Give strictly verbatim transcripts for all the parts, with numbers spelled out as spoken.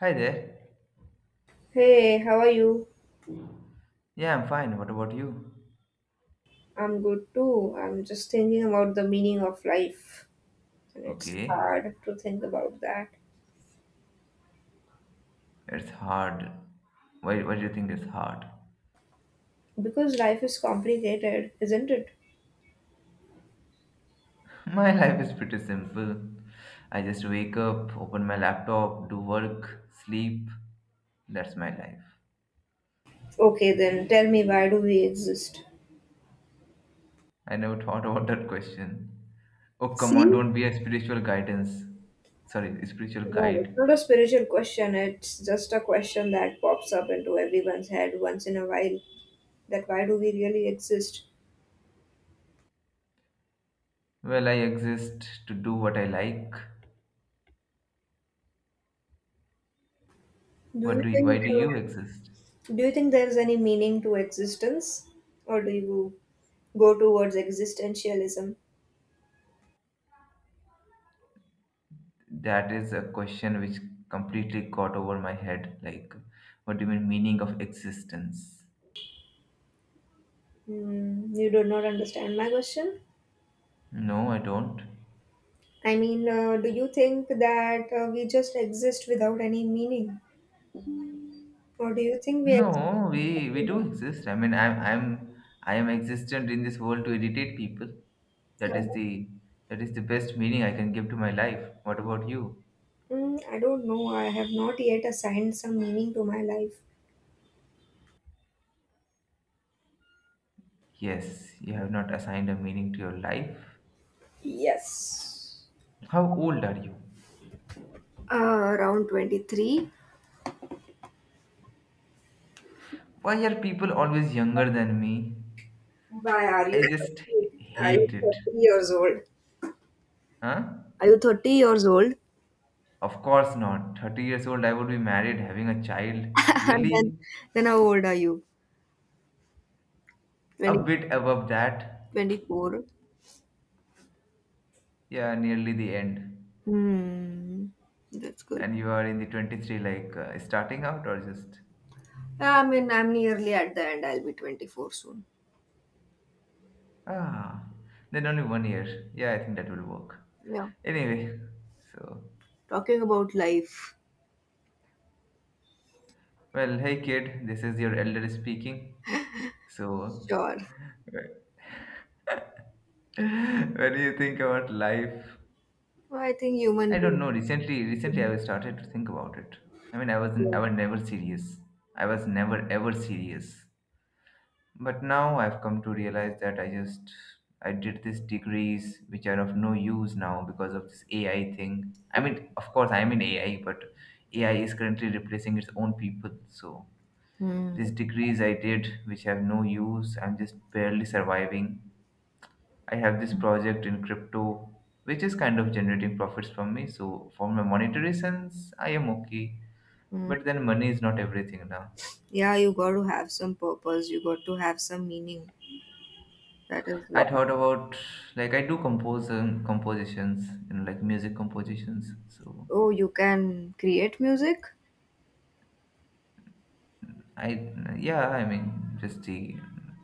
Hi there. Hey, how are you? Yeah, I'm fine. What about you? I'm good too. I'm just thinking about the meaning of life, and it's Okay. hard to think about that It's hard. Why, why do you think it's hard? because life is complicated, isn't it? My life is pretty simple. I just wake up, open my laptop, do work, sleep. That's my life. Okay, then tell me why do we exist? I never thought about that question. Oh, come See? on, don't be a spiritual guidance. Sorry, spiritual No, it's guide. not a spiritual question, it's just a question that pops up into everyone's head once in a while. That why do we really exist? Well, I exist to do what I like. Do What you do you, think why do you uh, exist? do you think there's any meaning to existence or do you go towards existentialism? That is a question which completely got over my head. Like, what do you mean meaning of existence? Hmm. You do not understand my question. No, I don't. I mean, uh, do you think that uh, we just exist without any meaning? Or do you think we exist? No, we we do For exist. I mean, I'm I'm I am existent in this world to irritate people. That is the that is the best meaning I can give to my life. What about you? I, mm, I don't know. I have not yet assigned some meaning to my life. Yes, you have not assigned a meaning to your life. Yes. How old are you? Uh, around twenty-three. Why are people always younger than me? Why are you I just thirty? Are you hate it. thirty years old? Huh? Are you thirty years old? Of course not. thirty years old, I would be married, having a child. and then, Really? then how old are you? A twenty bit above that. twenty-four. Yeah, nearly the end. Hmm. That's good. And you are in the twenty-three, like uh, starting out or just. I mean, I'm nearly at the end. I'll be twenty-four soon. Ah, then only one year. Yeah, I think that will work. Yeah. Anyway, so. Talking about life. Well, hey kid, this is your elder speaking. So, Sure. what do you think about life? Well, I think human I beings, don't know. Recently, recently I started to think about it. I mean, I wasn't, yeah. I was never serious. I was never ever serious. But now I've come to realize that I just I did these degrees which are of no use now because of this A I thing. I mean, of course, I'm in A I, but A I is currently replacing its own people. So Hmm. these degrees I did which have no use, I'm just barely surviving. I have this project in crypto which is kind of generating profits from me. So for my monetary sense, I am okay. Hmm. But then money is not everything now. Yeah, you got to have some purpose. You got to have some meaning. That is. I thought about like I do compose um, compositions, you know, like music compositions. So Oh, you can create music? I yeah, I mean just the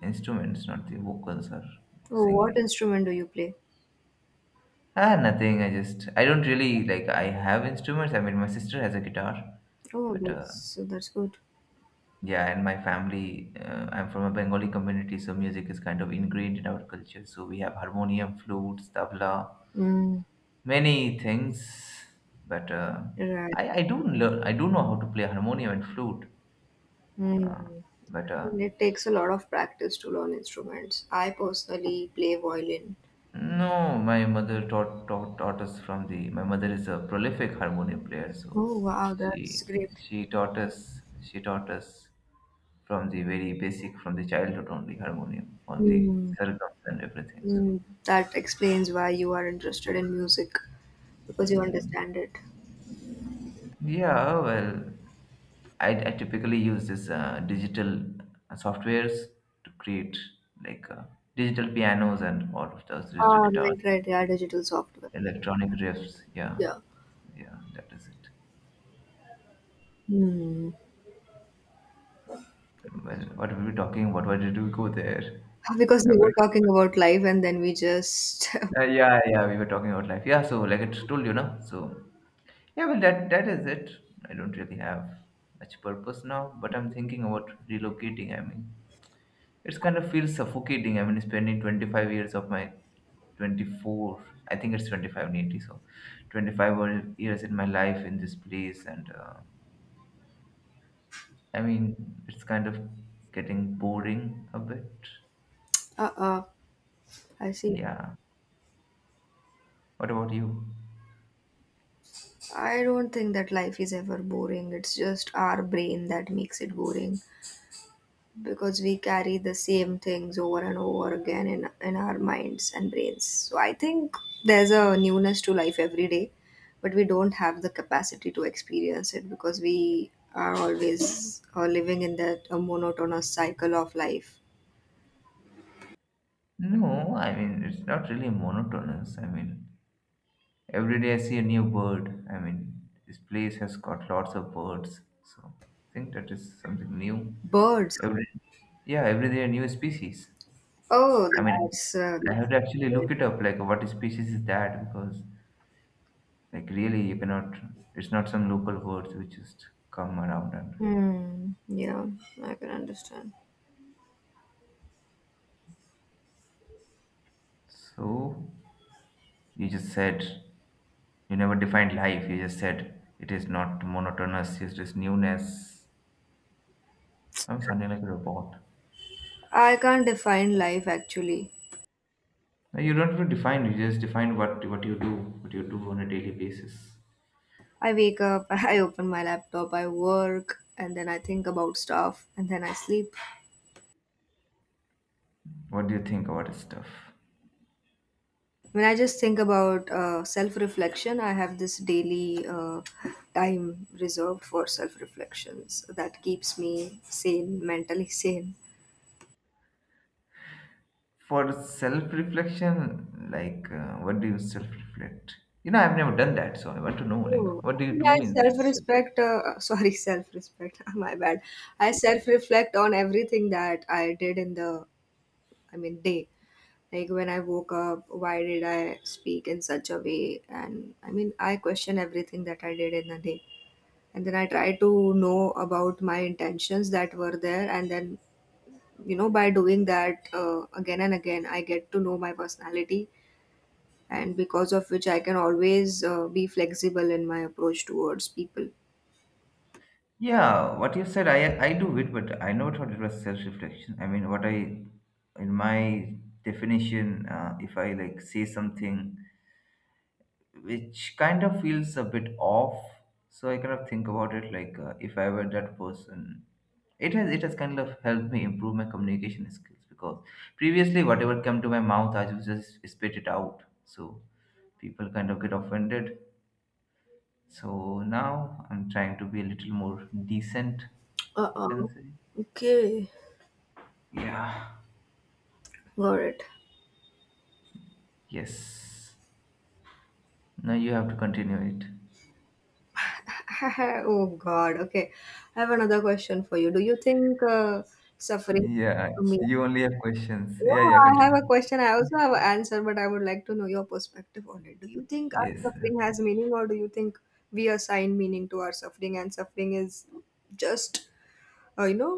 instruments, not the vocals or like Oh, what singing. instrument do you play? Ah, nothing. I just I don't really like I have instruments. I mean my sister has a guitar, Oh, but uh, that's that's good. yeah, and my family. Uh, I'm from a Bengali community, so music is kind of ingrained in our culture. So we have harmonium, flutes, tabla, Mm, many things, but uh, right. I I do learn I do know how to play harmonium and flute, uh, Mm. but uh, It takes a lot of practice to learn instruments. I personally play violin. no, my mother taught, taught taught us from the my mother is a prolific harmonium player, so Oh, wow, she that's great. she taught us she taught us from the very basic from the childhood only harmonium all the Hmm. sargams and everything. So. Mm, that explains why you are interested in music because you understand it. Yeah, well, I, I typically use this uh, digital softwares to create like uh, digital pianos and all of those digital Ah, right, guitars, right. Yeah, digital software. electronic riffs. Yeah, Yeah. yeah, that is it. Hmm. Well, what were we talking about? Why did we go there? Because we Okay. were talking about life and then we just. Uh, yeah, yeah, we were talking about life. Yeah, so like I told you, now. So yeah, well, that that is it. I don't really have much purpose now, but I'm thinking about relocating. I mean, it's kind of feels suffocating. I mean, spending twenty-five years of my twenty-four, I think it's twenty-five, nearly so twenty-five were- years in my life in this place, and uh, I mean, it's kind of getting boring a bit. Uh-uh. I see. Yeah. What about you? I don't think that life is ever boring. It's just our brain that makes it boring, because we carry the same things over and over again in, in our minds and brains. So I think there's a newness to life every day, but we don't have the capacity to experience it because we are always uh, living in that a monotonous cycle of life. No, I mean, it's not really monotonous. I mean, every day I see a new bird. I mean, this place has got lots of birds, so I think that is something new. Birds. Every, yeah, every day a new species. Oh, I mean, that's. Uh, I have to actually look it up, like what species is that? Because like really, you cannot. It's not some local words which just come around and. Hmm, yeah, I can understand. So you just said you never defined life. You just said it is not monotonous. It's just newness. I'm sounding like a robot. I can't define life actually. No, you don't even define. You just define what what you do, what you do on a daily basis. I wake up, I open my laptop, I work, and then I think about stuff, and then I sleep. What do you think about this stuff? When I just think about uh, self reflection, I have this daily uh, time reserved for self reflections that keeps me sane, mentally sane. For self reflection, like uh, what do you self reflect? You know, I've never done that, so I want to know, like, Oh, what I do you mean, I do in self this self? respect, uh, sorry, self respect, my bad. I self reflect on everything that I did in the, I mean, day. Like when I woke up, why did I speak in such a way? And I mean, I question everything that I did in a day. And then I try to know about my intentions that were there, and then you know by doing that uh, again and again, I get to know my personality, and because of which I can always uh, be flexible in my approach towards people. Yeah, what you said, I I do it, but I never thought it was self reflection. I mean, what I, in my definition, uh, if I like say something which kind of feels a bit off. So I kind of think about it like uh, if I were that person, it has it has kind of helped me improve my communication skills because previously whatever came to my mouth, I would just spit it out. So people kind of get offended. So now I'm trying to be a little more decent, you can Uh-uh. say. Okay. Yeah. Got it. Yes. Now you have to continue it. Oh God. Okay. I have another question for you. Do you think uh, suffering Yeah. to me. You only have questions. No, Yeah. Yeah. I have a Continue. question. I also have an answer, but I would like to know your perspective on it. Do you think our Yes. suffering Okay. has meaning, or do you think we assign meaning to our suffering and suffering is just uh, you know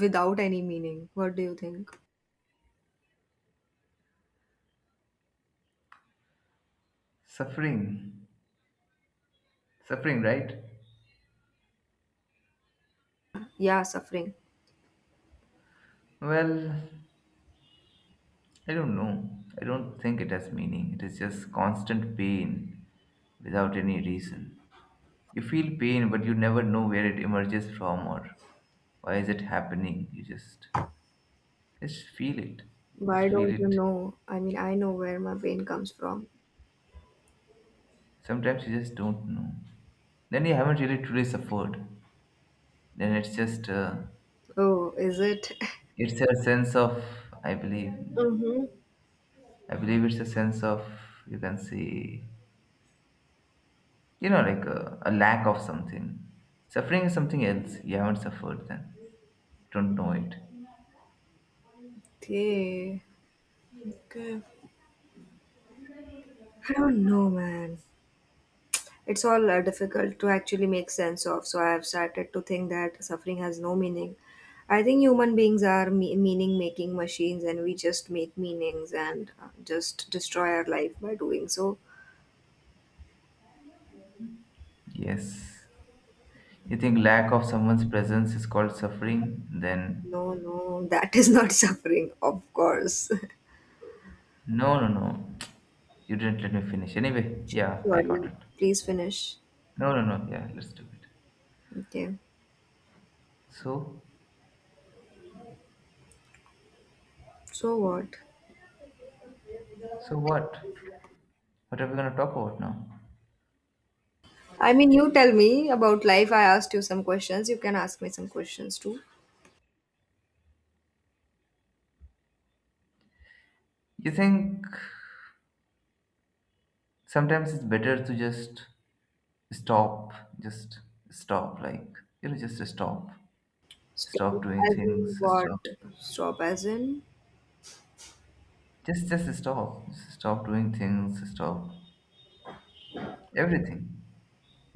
without any meaning. What do you think? Suffering. Suffering, right? Yeah, suffering. Well, I don't know. I don't think it has meaning. It is just constant pain without any reason. You feel pain, but you never know where it emerges from or why is it happening. You just just feel it. Why Just feel don't you it. know? I mean, I know where my pain comes from. Sometimes you just don't know. Then you haven't really truly suffered. Then it's just uh, Oh, is it? it's a sense of I believe Mm-hmm. I believe it's a sense of you can say you know, like uh, a lack of something. Suffering is something else. You haven't suffered then. Don't know it. Okay. Okay. I don't know, man. It's all uh, difficult to actually make sense of, so I have started to think that suffering has no meaning. I think human beings are me- meaning making machines, and we just make meanings and uh, just destroy our life by doing so. Yes. You think lack of someone's presence is called suffering? Then No, no, that is not suffering, of course. no, no, no. You didn't let me finish. Anyway, Sure, yeah, I got Jordan. it. Please finish. No, no, no. Yeah, let's do it. Okay. So, So what? so what? What are we gonna talk about now? I mean, you tell me about life. I asked you some questions. You can ask me some questions too. You think sometimes it's better to just stop, just stop, like you know, just stop, Stop stop doing as in things, what? stop. Stop as in? Just, just stop. Stop doing things. Stop everything.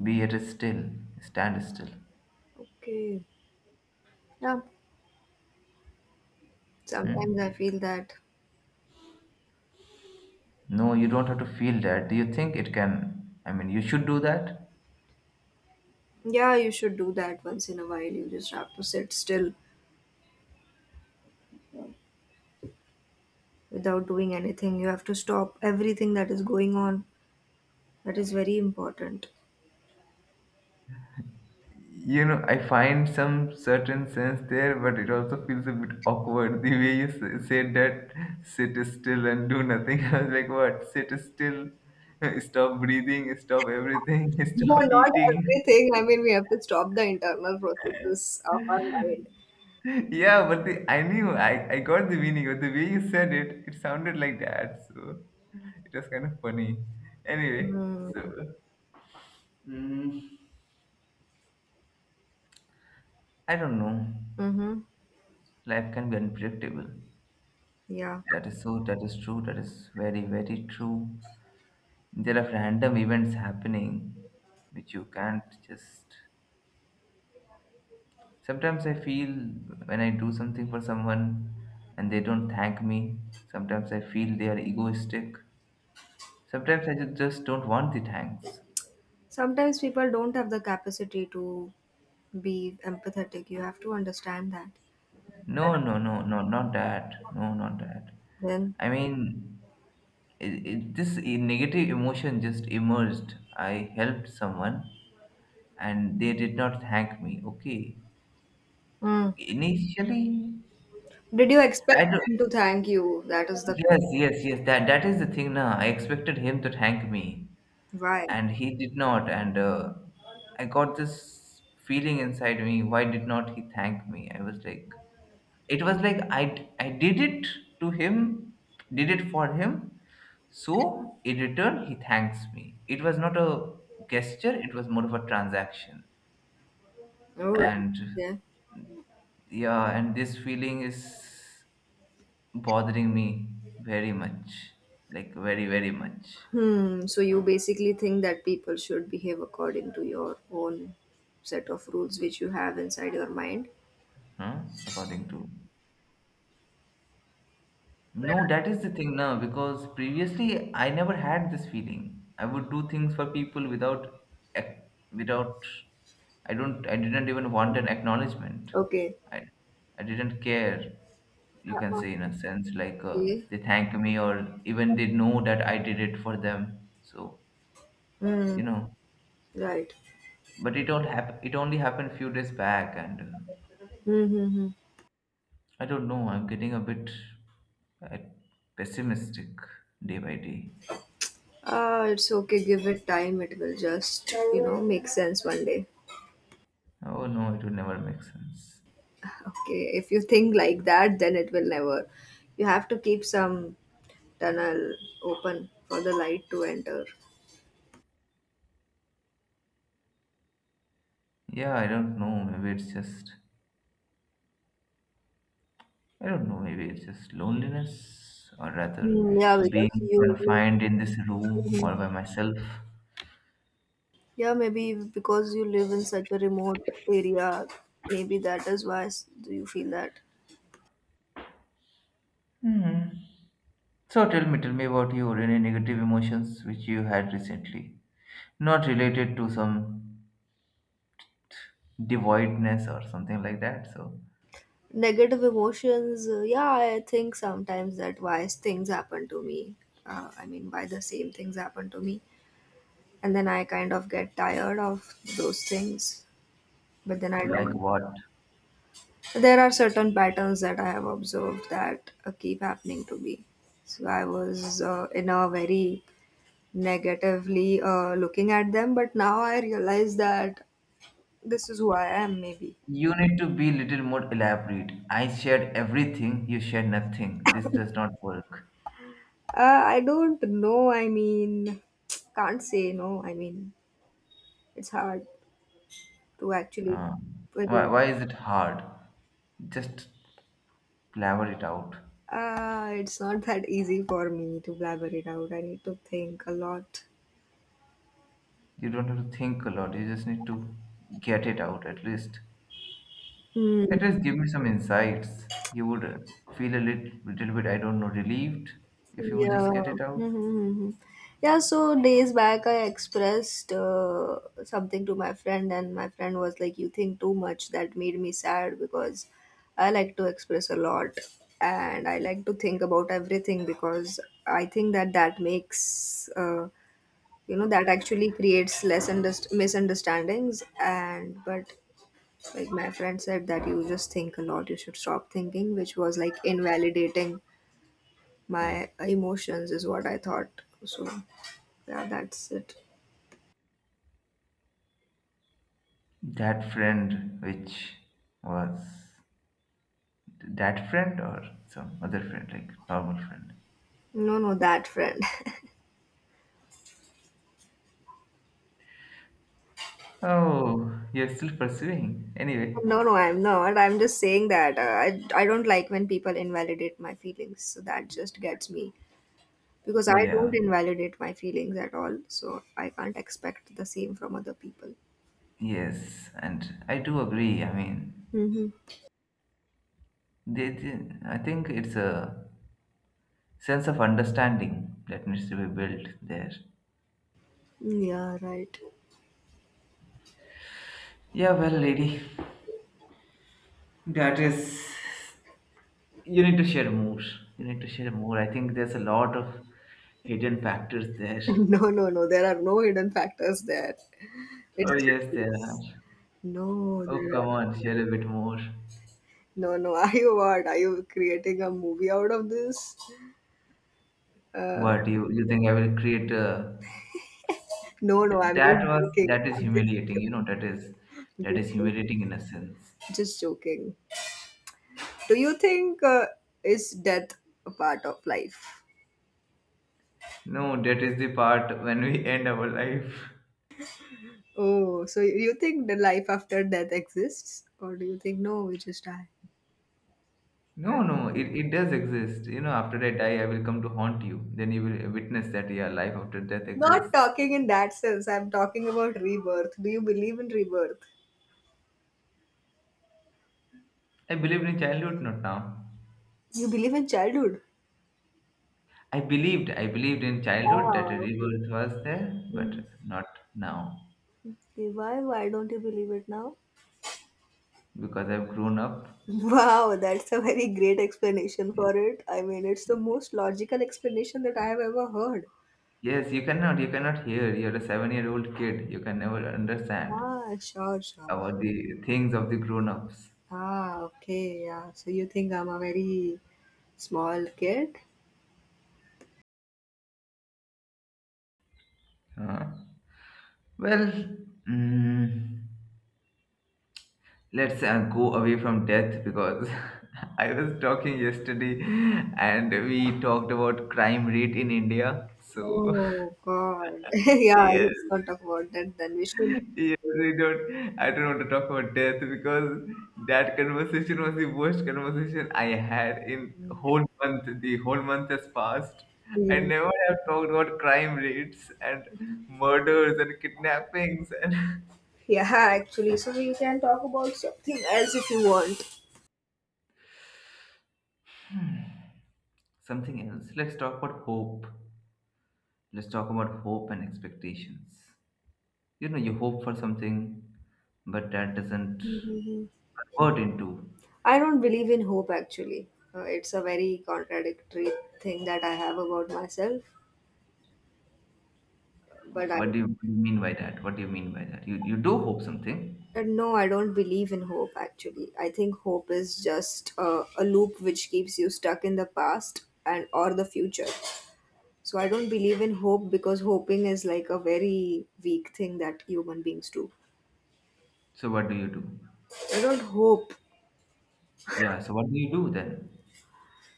Be at a still. Stand still. Okay. Yeah. Hmm? Sometimes I feel that. No, you don't have to feel that. Do you think it can? I mean, you should do that. Yeah, you should do that once in a while. You just have to sit still without doing anything. You have to stop everything that is going on. That is very important. You know, I find some certain sense there, but it also feels a bit awkward the way you s- said that. Sit still and do nothing. I was like, what? Sit still. Stop breathing. Stop everything. No, Stop not eating. everything. I mean, we have to stop the internal processes of our mind. Yeah, but the, I knew I, I got the meaning, but the way you said it, it sounded like that, so it was kind of funny. Anyway, Hmm. so mm, I don't know. Mm-hmm. Life can be unpredictable. Yeah. That is so. That is true. That is very very true. There are random events happening, which you can't just. Sometimes I feel when I do something for someone, and they don't thank me. Sometimes I feel they are egoistic. Sometimes I ju- just don't want the thanks. Sometimes people don't have the capacity to be empathetic. You have to understand that. No, no, no, no, not that. No, not that. Then, I mean, it, it, this e- negative emotion just emerged. I helped someone and they did not thank me. Okay. mm. Initially, did you expect I don't. them to thank you? That is the Yes, yes, yes. That that is the thing now. I expected him to thank me, why. and he did not. And uh, I got this feeling inside me. Why did not he thank me? I was like, it was like I d- I did it to him, did it for him, so, in return, he thanks me. It was not a gesture, it was more of a transaction. Oh, And yeah. yeah, and this feeling is bothering me very much. Like, very, very much. Hmm. So you basically think that people should behave according to your own set of rules which you have inside your mind. Huh? According to. No, that is the thing now because previously I never had this feeling. I would do things for people without, ac- without, I don't, I didn't even want an acknowledgement. Okay. I, I didn't care. You can Uh, say in a sense like uh, Okay. they thank me or even they know that I did it for them. So Mm. you know, Right. but it all hap- it only happened few days back, and uh, Mm-hmm. I don't know. I'm getting a bit uh, pessimistic day by day. Ah, it's okay, give it time. It will just, you know, make sense one day. Oh no, it would never make sense. Okay, if you think like that, then it will never. You have to keep some tunnel open for the light to enter. Yeah, I don't know. Maybe it's just, I don't know. Maybe it's just loneliness, or rather, Hmm, yeah, because being you. confined in this room Mhm. all by myself. Yeah, maybe because you live in such a remote area, maybe that is why s- do you feel that. Hmm. So tell me, tell me about your any negative emotions which you had recently, not related to some devoidness or something like that. So, Negative emotions, uh, yeah, I think sometimes that why things happen to me. Uh, I mean, why the same things happen to me, and then I kind of get tired of those things. But then I like don't. what? There are certain patterns that I have observed that uh, keep happening to me. So I was uh, in a very negatively uh, looking at them, but now I realize that this is who I am. Maybe You need to be little more elaborate. I shared everything. You shared nothing. This does not work. uh, I don't know. I mean, can't say no. I mean, it's hard to actually. Uh, why, why is it hard? Just blabber it out. Uh, it's not that easy for me to blabber it out. I need to think a lot. You don't have to think a lot. You just need to get it out at least. Hmm. At least give me some insights. You would uh, feel a little, little bit, I don't know, relieved if you would just Yeah. get it Mm-hmm. out. Mm-hmm. Yeah, so days back I expressed uh, something to my friend, and my friend was like, you think too much. That made me sad because I like to express a lot and I like to think about everything because I think that that makes, uh, you know, that actually creates less underst- misunderstandings. And but like my friend said, that you just think a lot, you should stop thinking, which was like invalidating my emotions is what I thought. So yeah, that's it. That friend, which was that friend or some other friend, like normal friend. No, no, that friend. Oh, you're still pursuing. Anyway, No, no, I'm not, I'm just saying that uh, I, I don't like when people invalidate my feelings, so that just gets me because I don't yeah, invalidate my feelings at all, so I can't expect the same from other people. yes, and I do agree. I mean, Mm-hmm. They, they- I think it's a sense of understanding that needs to be built there. Yeah, right. Yeah, well, lady, that is. You need to share more. You need to share more. I think there's a lot of hidden factors there. No, no, no, there are no hidden factors there. Oh It's yes, there are. just, no Oh there come are- on, share a bit more. No, no. are you what are you creating a movie out of this? Uh, What you you think I will create a? No, no, I'm That just was joking. that is I'm just humiliating. joking. You know that is Just that is joking. humiliating in a sense. Just joking. Do you think uh, is death a part of life? No, that is the part when we end our life. Oh, so you think the life after death exists, or do you think no, we just die? No, no, it, it does exist. You know, after I die, I will come to haunt you. Then you will witness that yeah, life after death Not exists. talking in that sense. I'm talking about rebirth. Do you believe in rebirth? I believed in childhood, not now. You believe in childhood? I believed, I believed in childhood that Ah, a okay. rebirth was there, but Hmm. not now Okay, why? Why don't you believe it now? because I've grown up. Wow, that's a very great explanation for it. I mean, it's the most logical explanation that I have ever heard. Yes, you cannot, you cannot hear. You're a seven-year-old kid. You can never understand Ah, sure, sure. about the things of the grown-ups. Ah, okay, yeah. So you think I'm a very small kid? Huh? Well, mm, let's uh, go away from death because I was talking yesterday and we talked about crime rate in India. So Oh God. Yeah, yes, let's not talk about that then. We should. yes, we don't. I don't want to talk about death because that conversation was the worst conversation I had in whole month. The whole month has passed. I Mm. never have talked about crime rates and murders and kidnappings and Yeah, actually. So you can talk about something else if you want. something else. Let's talk about hope. Let's talk about hope and expectations. You know, you hope for something, but that doesn't Mhm. convert into. I don't believe in hope actually. Uh, it's a very contradictory thing that I have about myself, but I. What do you, what do you mean by that? What do you mean by that? You you do hope something. Uh, No, I don't believe in hope actually. I think hope is just uh, a loop which keeps you stuck in the past and or the future. So I don't believe in hope because hoping is like a very weak thing that human beings do. So what do you do? You don't hope. Yeah. So what do you do then?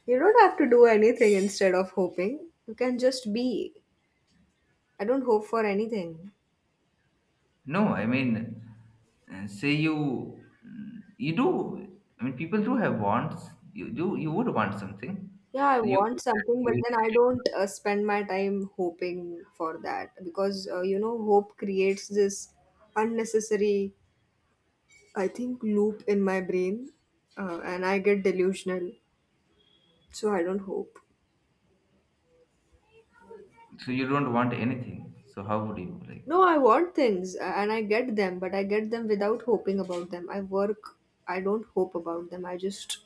You don't have to do anything instead of hoping. You can just be. I don't hope for anything. No, I mean, uh, say you mm, you do. I mean, people do have wants. You do. You would want something. Yeah, I So you want something, but you then I don't uh, spend my time hoping for that because uh, you know hope creates this unnecessary, I think, loop in my brain, uh, and I get delusional. So I don't hope. so you don't want anything. So how would you like? No, I want things uh, and I get them, but I get them without hoping about them. I work, I don't hope about them. I just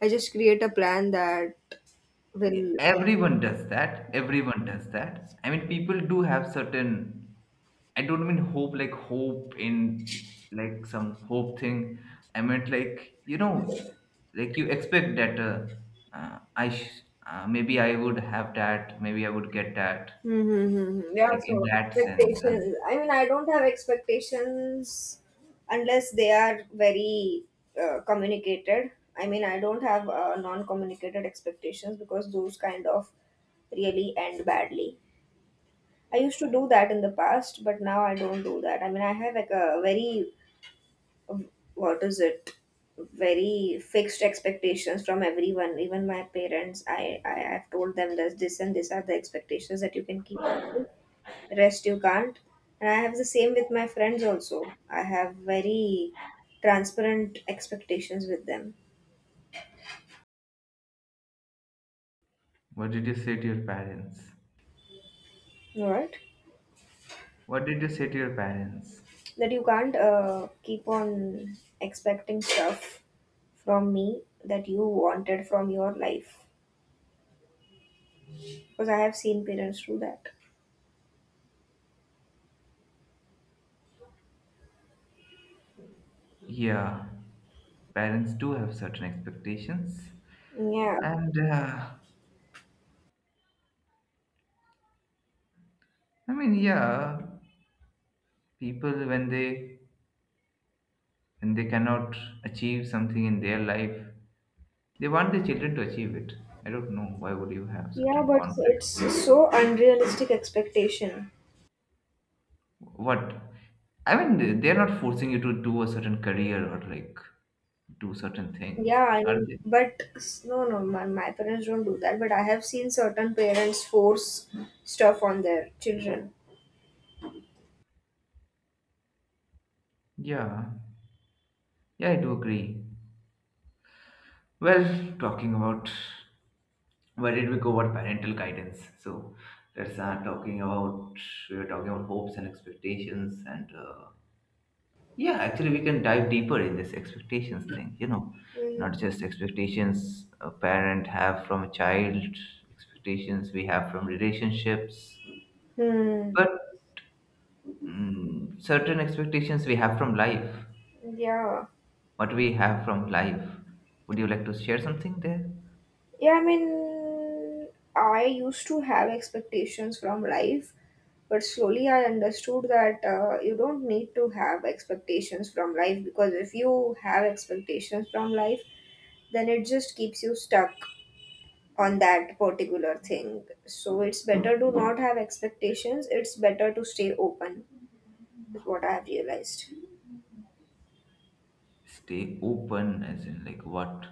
I just create a plan that Yeah, will. everyone does that. Everyone does that. I mean, people do have certain. I don't mean hope like hope in like some hope thing. I meant like you know, like you expect that uh, uh, I sh- uh, maybe I would have that. Maybe I would get that. Mm-hmm. Mm-hmm, mm-hmm. Yeah, Like in so that sense. Um, expectations. I mean, I don't have expectations unless they are very uh, communicated. I mean, I don't have uh, non communicated expectations because those kind of really end badly. I used to do that in the past, but now I don't do that. I mean, I have like a very, what is it, very fixed expectations from everyone, even my parents. I, I have told them that this and this are the expectations that you can keep, rest you can't. And I have the same with my friends also. I have very transparent expectations with them. what did you say to your parents? Right, What did you say to your parents? that you can't uh, keep on expecting stuff from me that you wanted from your life, because I have seen parents do that. Yeah, parents do have certain expectations, Yeah. and uh, I mean, yeah, people when they when they cannot achieve something in their life, they want their children to achieve it. I don't know why would you have Yeah, certain but conflicts. it's so unrealistic expectation. What I mean, they're not forcing you to do a certain career or like do certain things, Yeah, I are mean they? but s- no no, my, my parents don't do that, but I have seen certain parents force stuff on their children. Yeah, yeah, I do agree. Well, talking about where did we go about parental guidance? So let's start talking about we were talking about hopes and expectations and uh, yeah, actually, we can dive deeper in this expectations thing. You know, not just expectations a parent have from a child, expectations we have from relationships, Hmm. but mm, certain expectations we have from life. Yeah. What we have from life. Would you like to share something there? Yeah, I mean, I used to have expectations from life, but slowly I understood that uh, you don't need to have expectations from life, because if you have expectations from life, then it just keeps you stuck on that particular thing. So it's better to not have expectations, it's better to stay open, is what I have realized. Stay open, as in like what?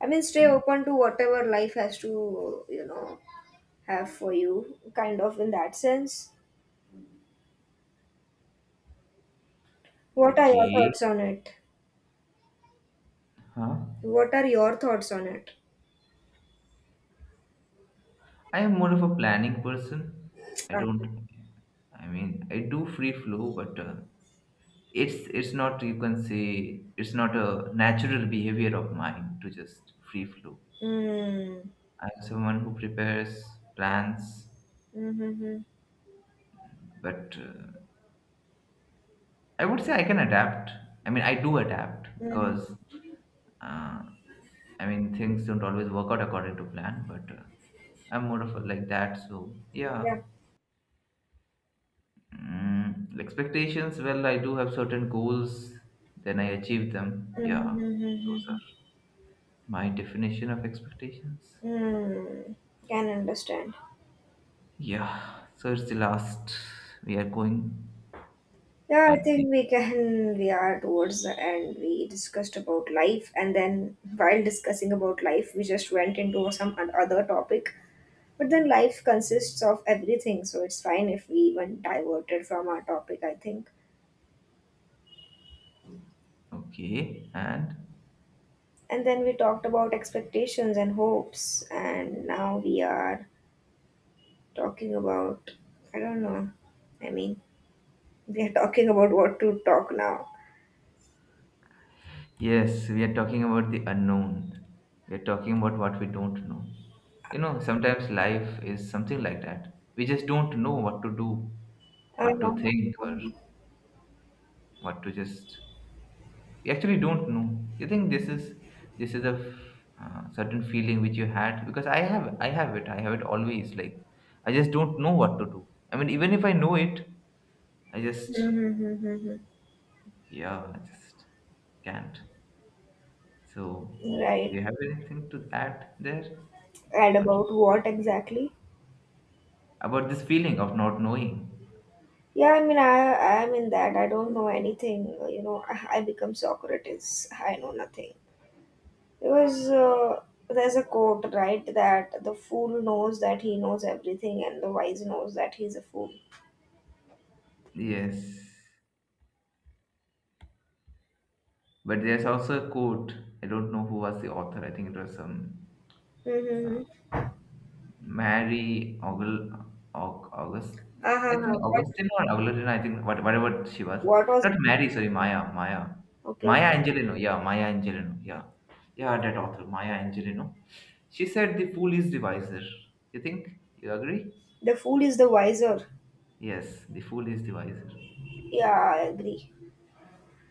I mean, stay Can you? open to whatever life has to, you know, have for you, kind of in that sense. What are your thoughts Okay. on it? Huh? What are your thoughts on it? I am more of a planning person. I Ah. don't. I mean, I do free flow, but. Uh, it's it's not you can say it's not a natural behavior of mine to just free flow. Mm. I'm someone who prepares plans, Mm-hmm. but uh, I would say I can adapt. I mean I do adapt Mm. because uh, I mean things don't always work out according to plan, but uh, I'm more of a like that, so yeah. Yeah. mm, expectations, well I do have certain goals, then I achieve them, yeah. Those Mm-hmm. are my definition of expectations. Mm. Can understand. Yeah, so it's the last. We are going Yeah, I at the think we can. We are towards the end. We discussed about life, and then while discussing about life, we just went into some oth- other topic. But then life consists of everything, so it's fine if we even diverted from our topic, I think. okay, and And then we talked about expectations and hopes, and now we are talking about, I don't know, I mean, we are talking about what to talk now. yes, we are talking about the unknown. We are talking about what we don't know. You know, sometimes life is something like that. We just don't know what to do, what to Um. think, or what to just. We actually don't know. You think this is this is a uh, certain feeling which you had because I have I have it. I have it always. Like I just don't know what to do. I mean, even if I know it, I just Mhm. Yeah, I just can't. So, do Right. you have anything to add there? And Or about what exactly? about this feeling of not knowing? Yeah, I mean, I I am in that. I don't know anything. You know, I, I become Socrates. I know nothing. Because uh, there's a quote, right, that the fool knows that he knows everything, and the wise knows that he's a fool. Yes. But there's also a quote. I don't know who was the author. I think it was some Hmm. Mary August. August. Aha, I think Augustine or Augustine. I think what, whatever she was. what was Not Mary, sorry, Maya. Maya. okay? Maya Angelino. Yeah, Maya Angelino. Yeah. Yeah, that author, Maya Angelino. She said the fool is the wiser. You think? You agree? The fool is the wiser. Yes, the fool is the wiser. Yeah, I agree.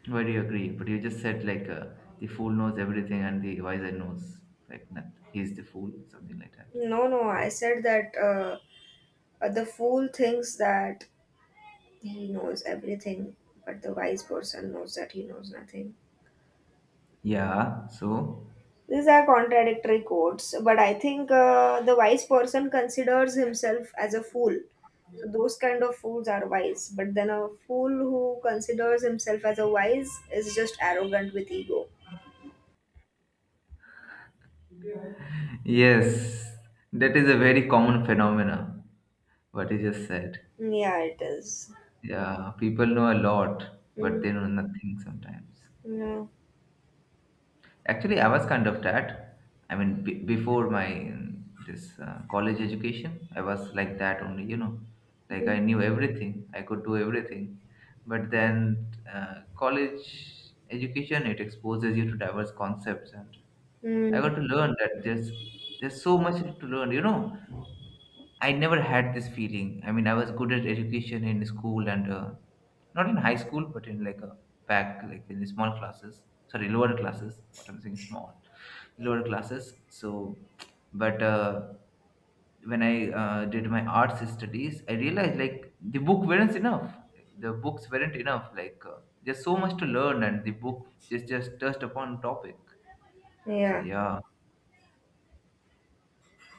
Why do you agree? But you just said like uh, the fool knows everything and the wiser knows like nothing. He's the fool, something like that. No, no, I said that uh, uh, the fool thinks that he knows everything, but the wise person knows that he knows nothing. Yeah. So These are contradictory quotes, but I think uh, the wise person considers himself as a fool. So those kind of fools are wise, but then a fool who considers himself as a wise is just arrogant with ego. yes, that is a very common phenomena. What you just said. Yeah, it is. Yeah, people know a lot, but Mm. they know nothing sometimes. Yeah. Actually, I was kind of that. I mean, b- before my um, this uh, college education, I was like that only. You know, like I knew everything, I could do everything. But then uh, college education it exposes you to diverse concepts, and I Mm, got to learn that there's there's so much to learn. You know, I never had this feeling. I mean, I was good at education in school and uh, not in high school, but in like a back, like in the small classes. Sorry, lower classes. What I'm saying, small, lower classes. So, but uh, when I uh, did my arts studies, I realized like the book weren't enough. The books weren't enough. Like uh, there's so much to learn, and the book just just touched upon topic. So yeah, yeah,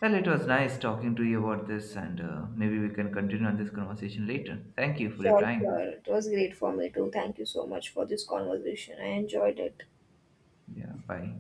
well, it was nice talking to you about this, and uh, maybe we can continue on this conversation later. Thank you for your sure, sure. time. It was great for me too. Thank you so much for this conversation. I enjoyed it. Yeah, bye.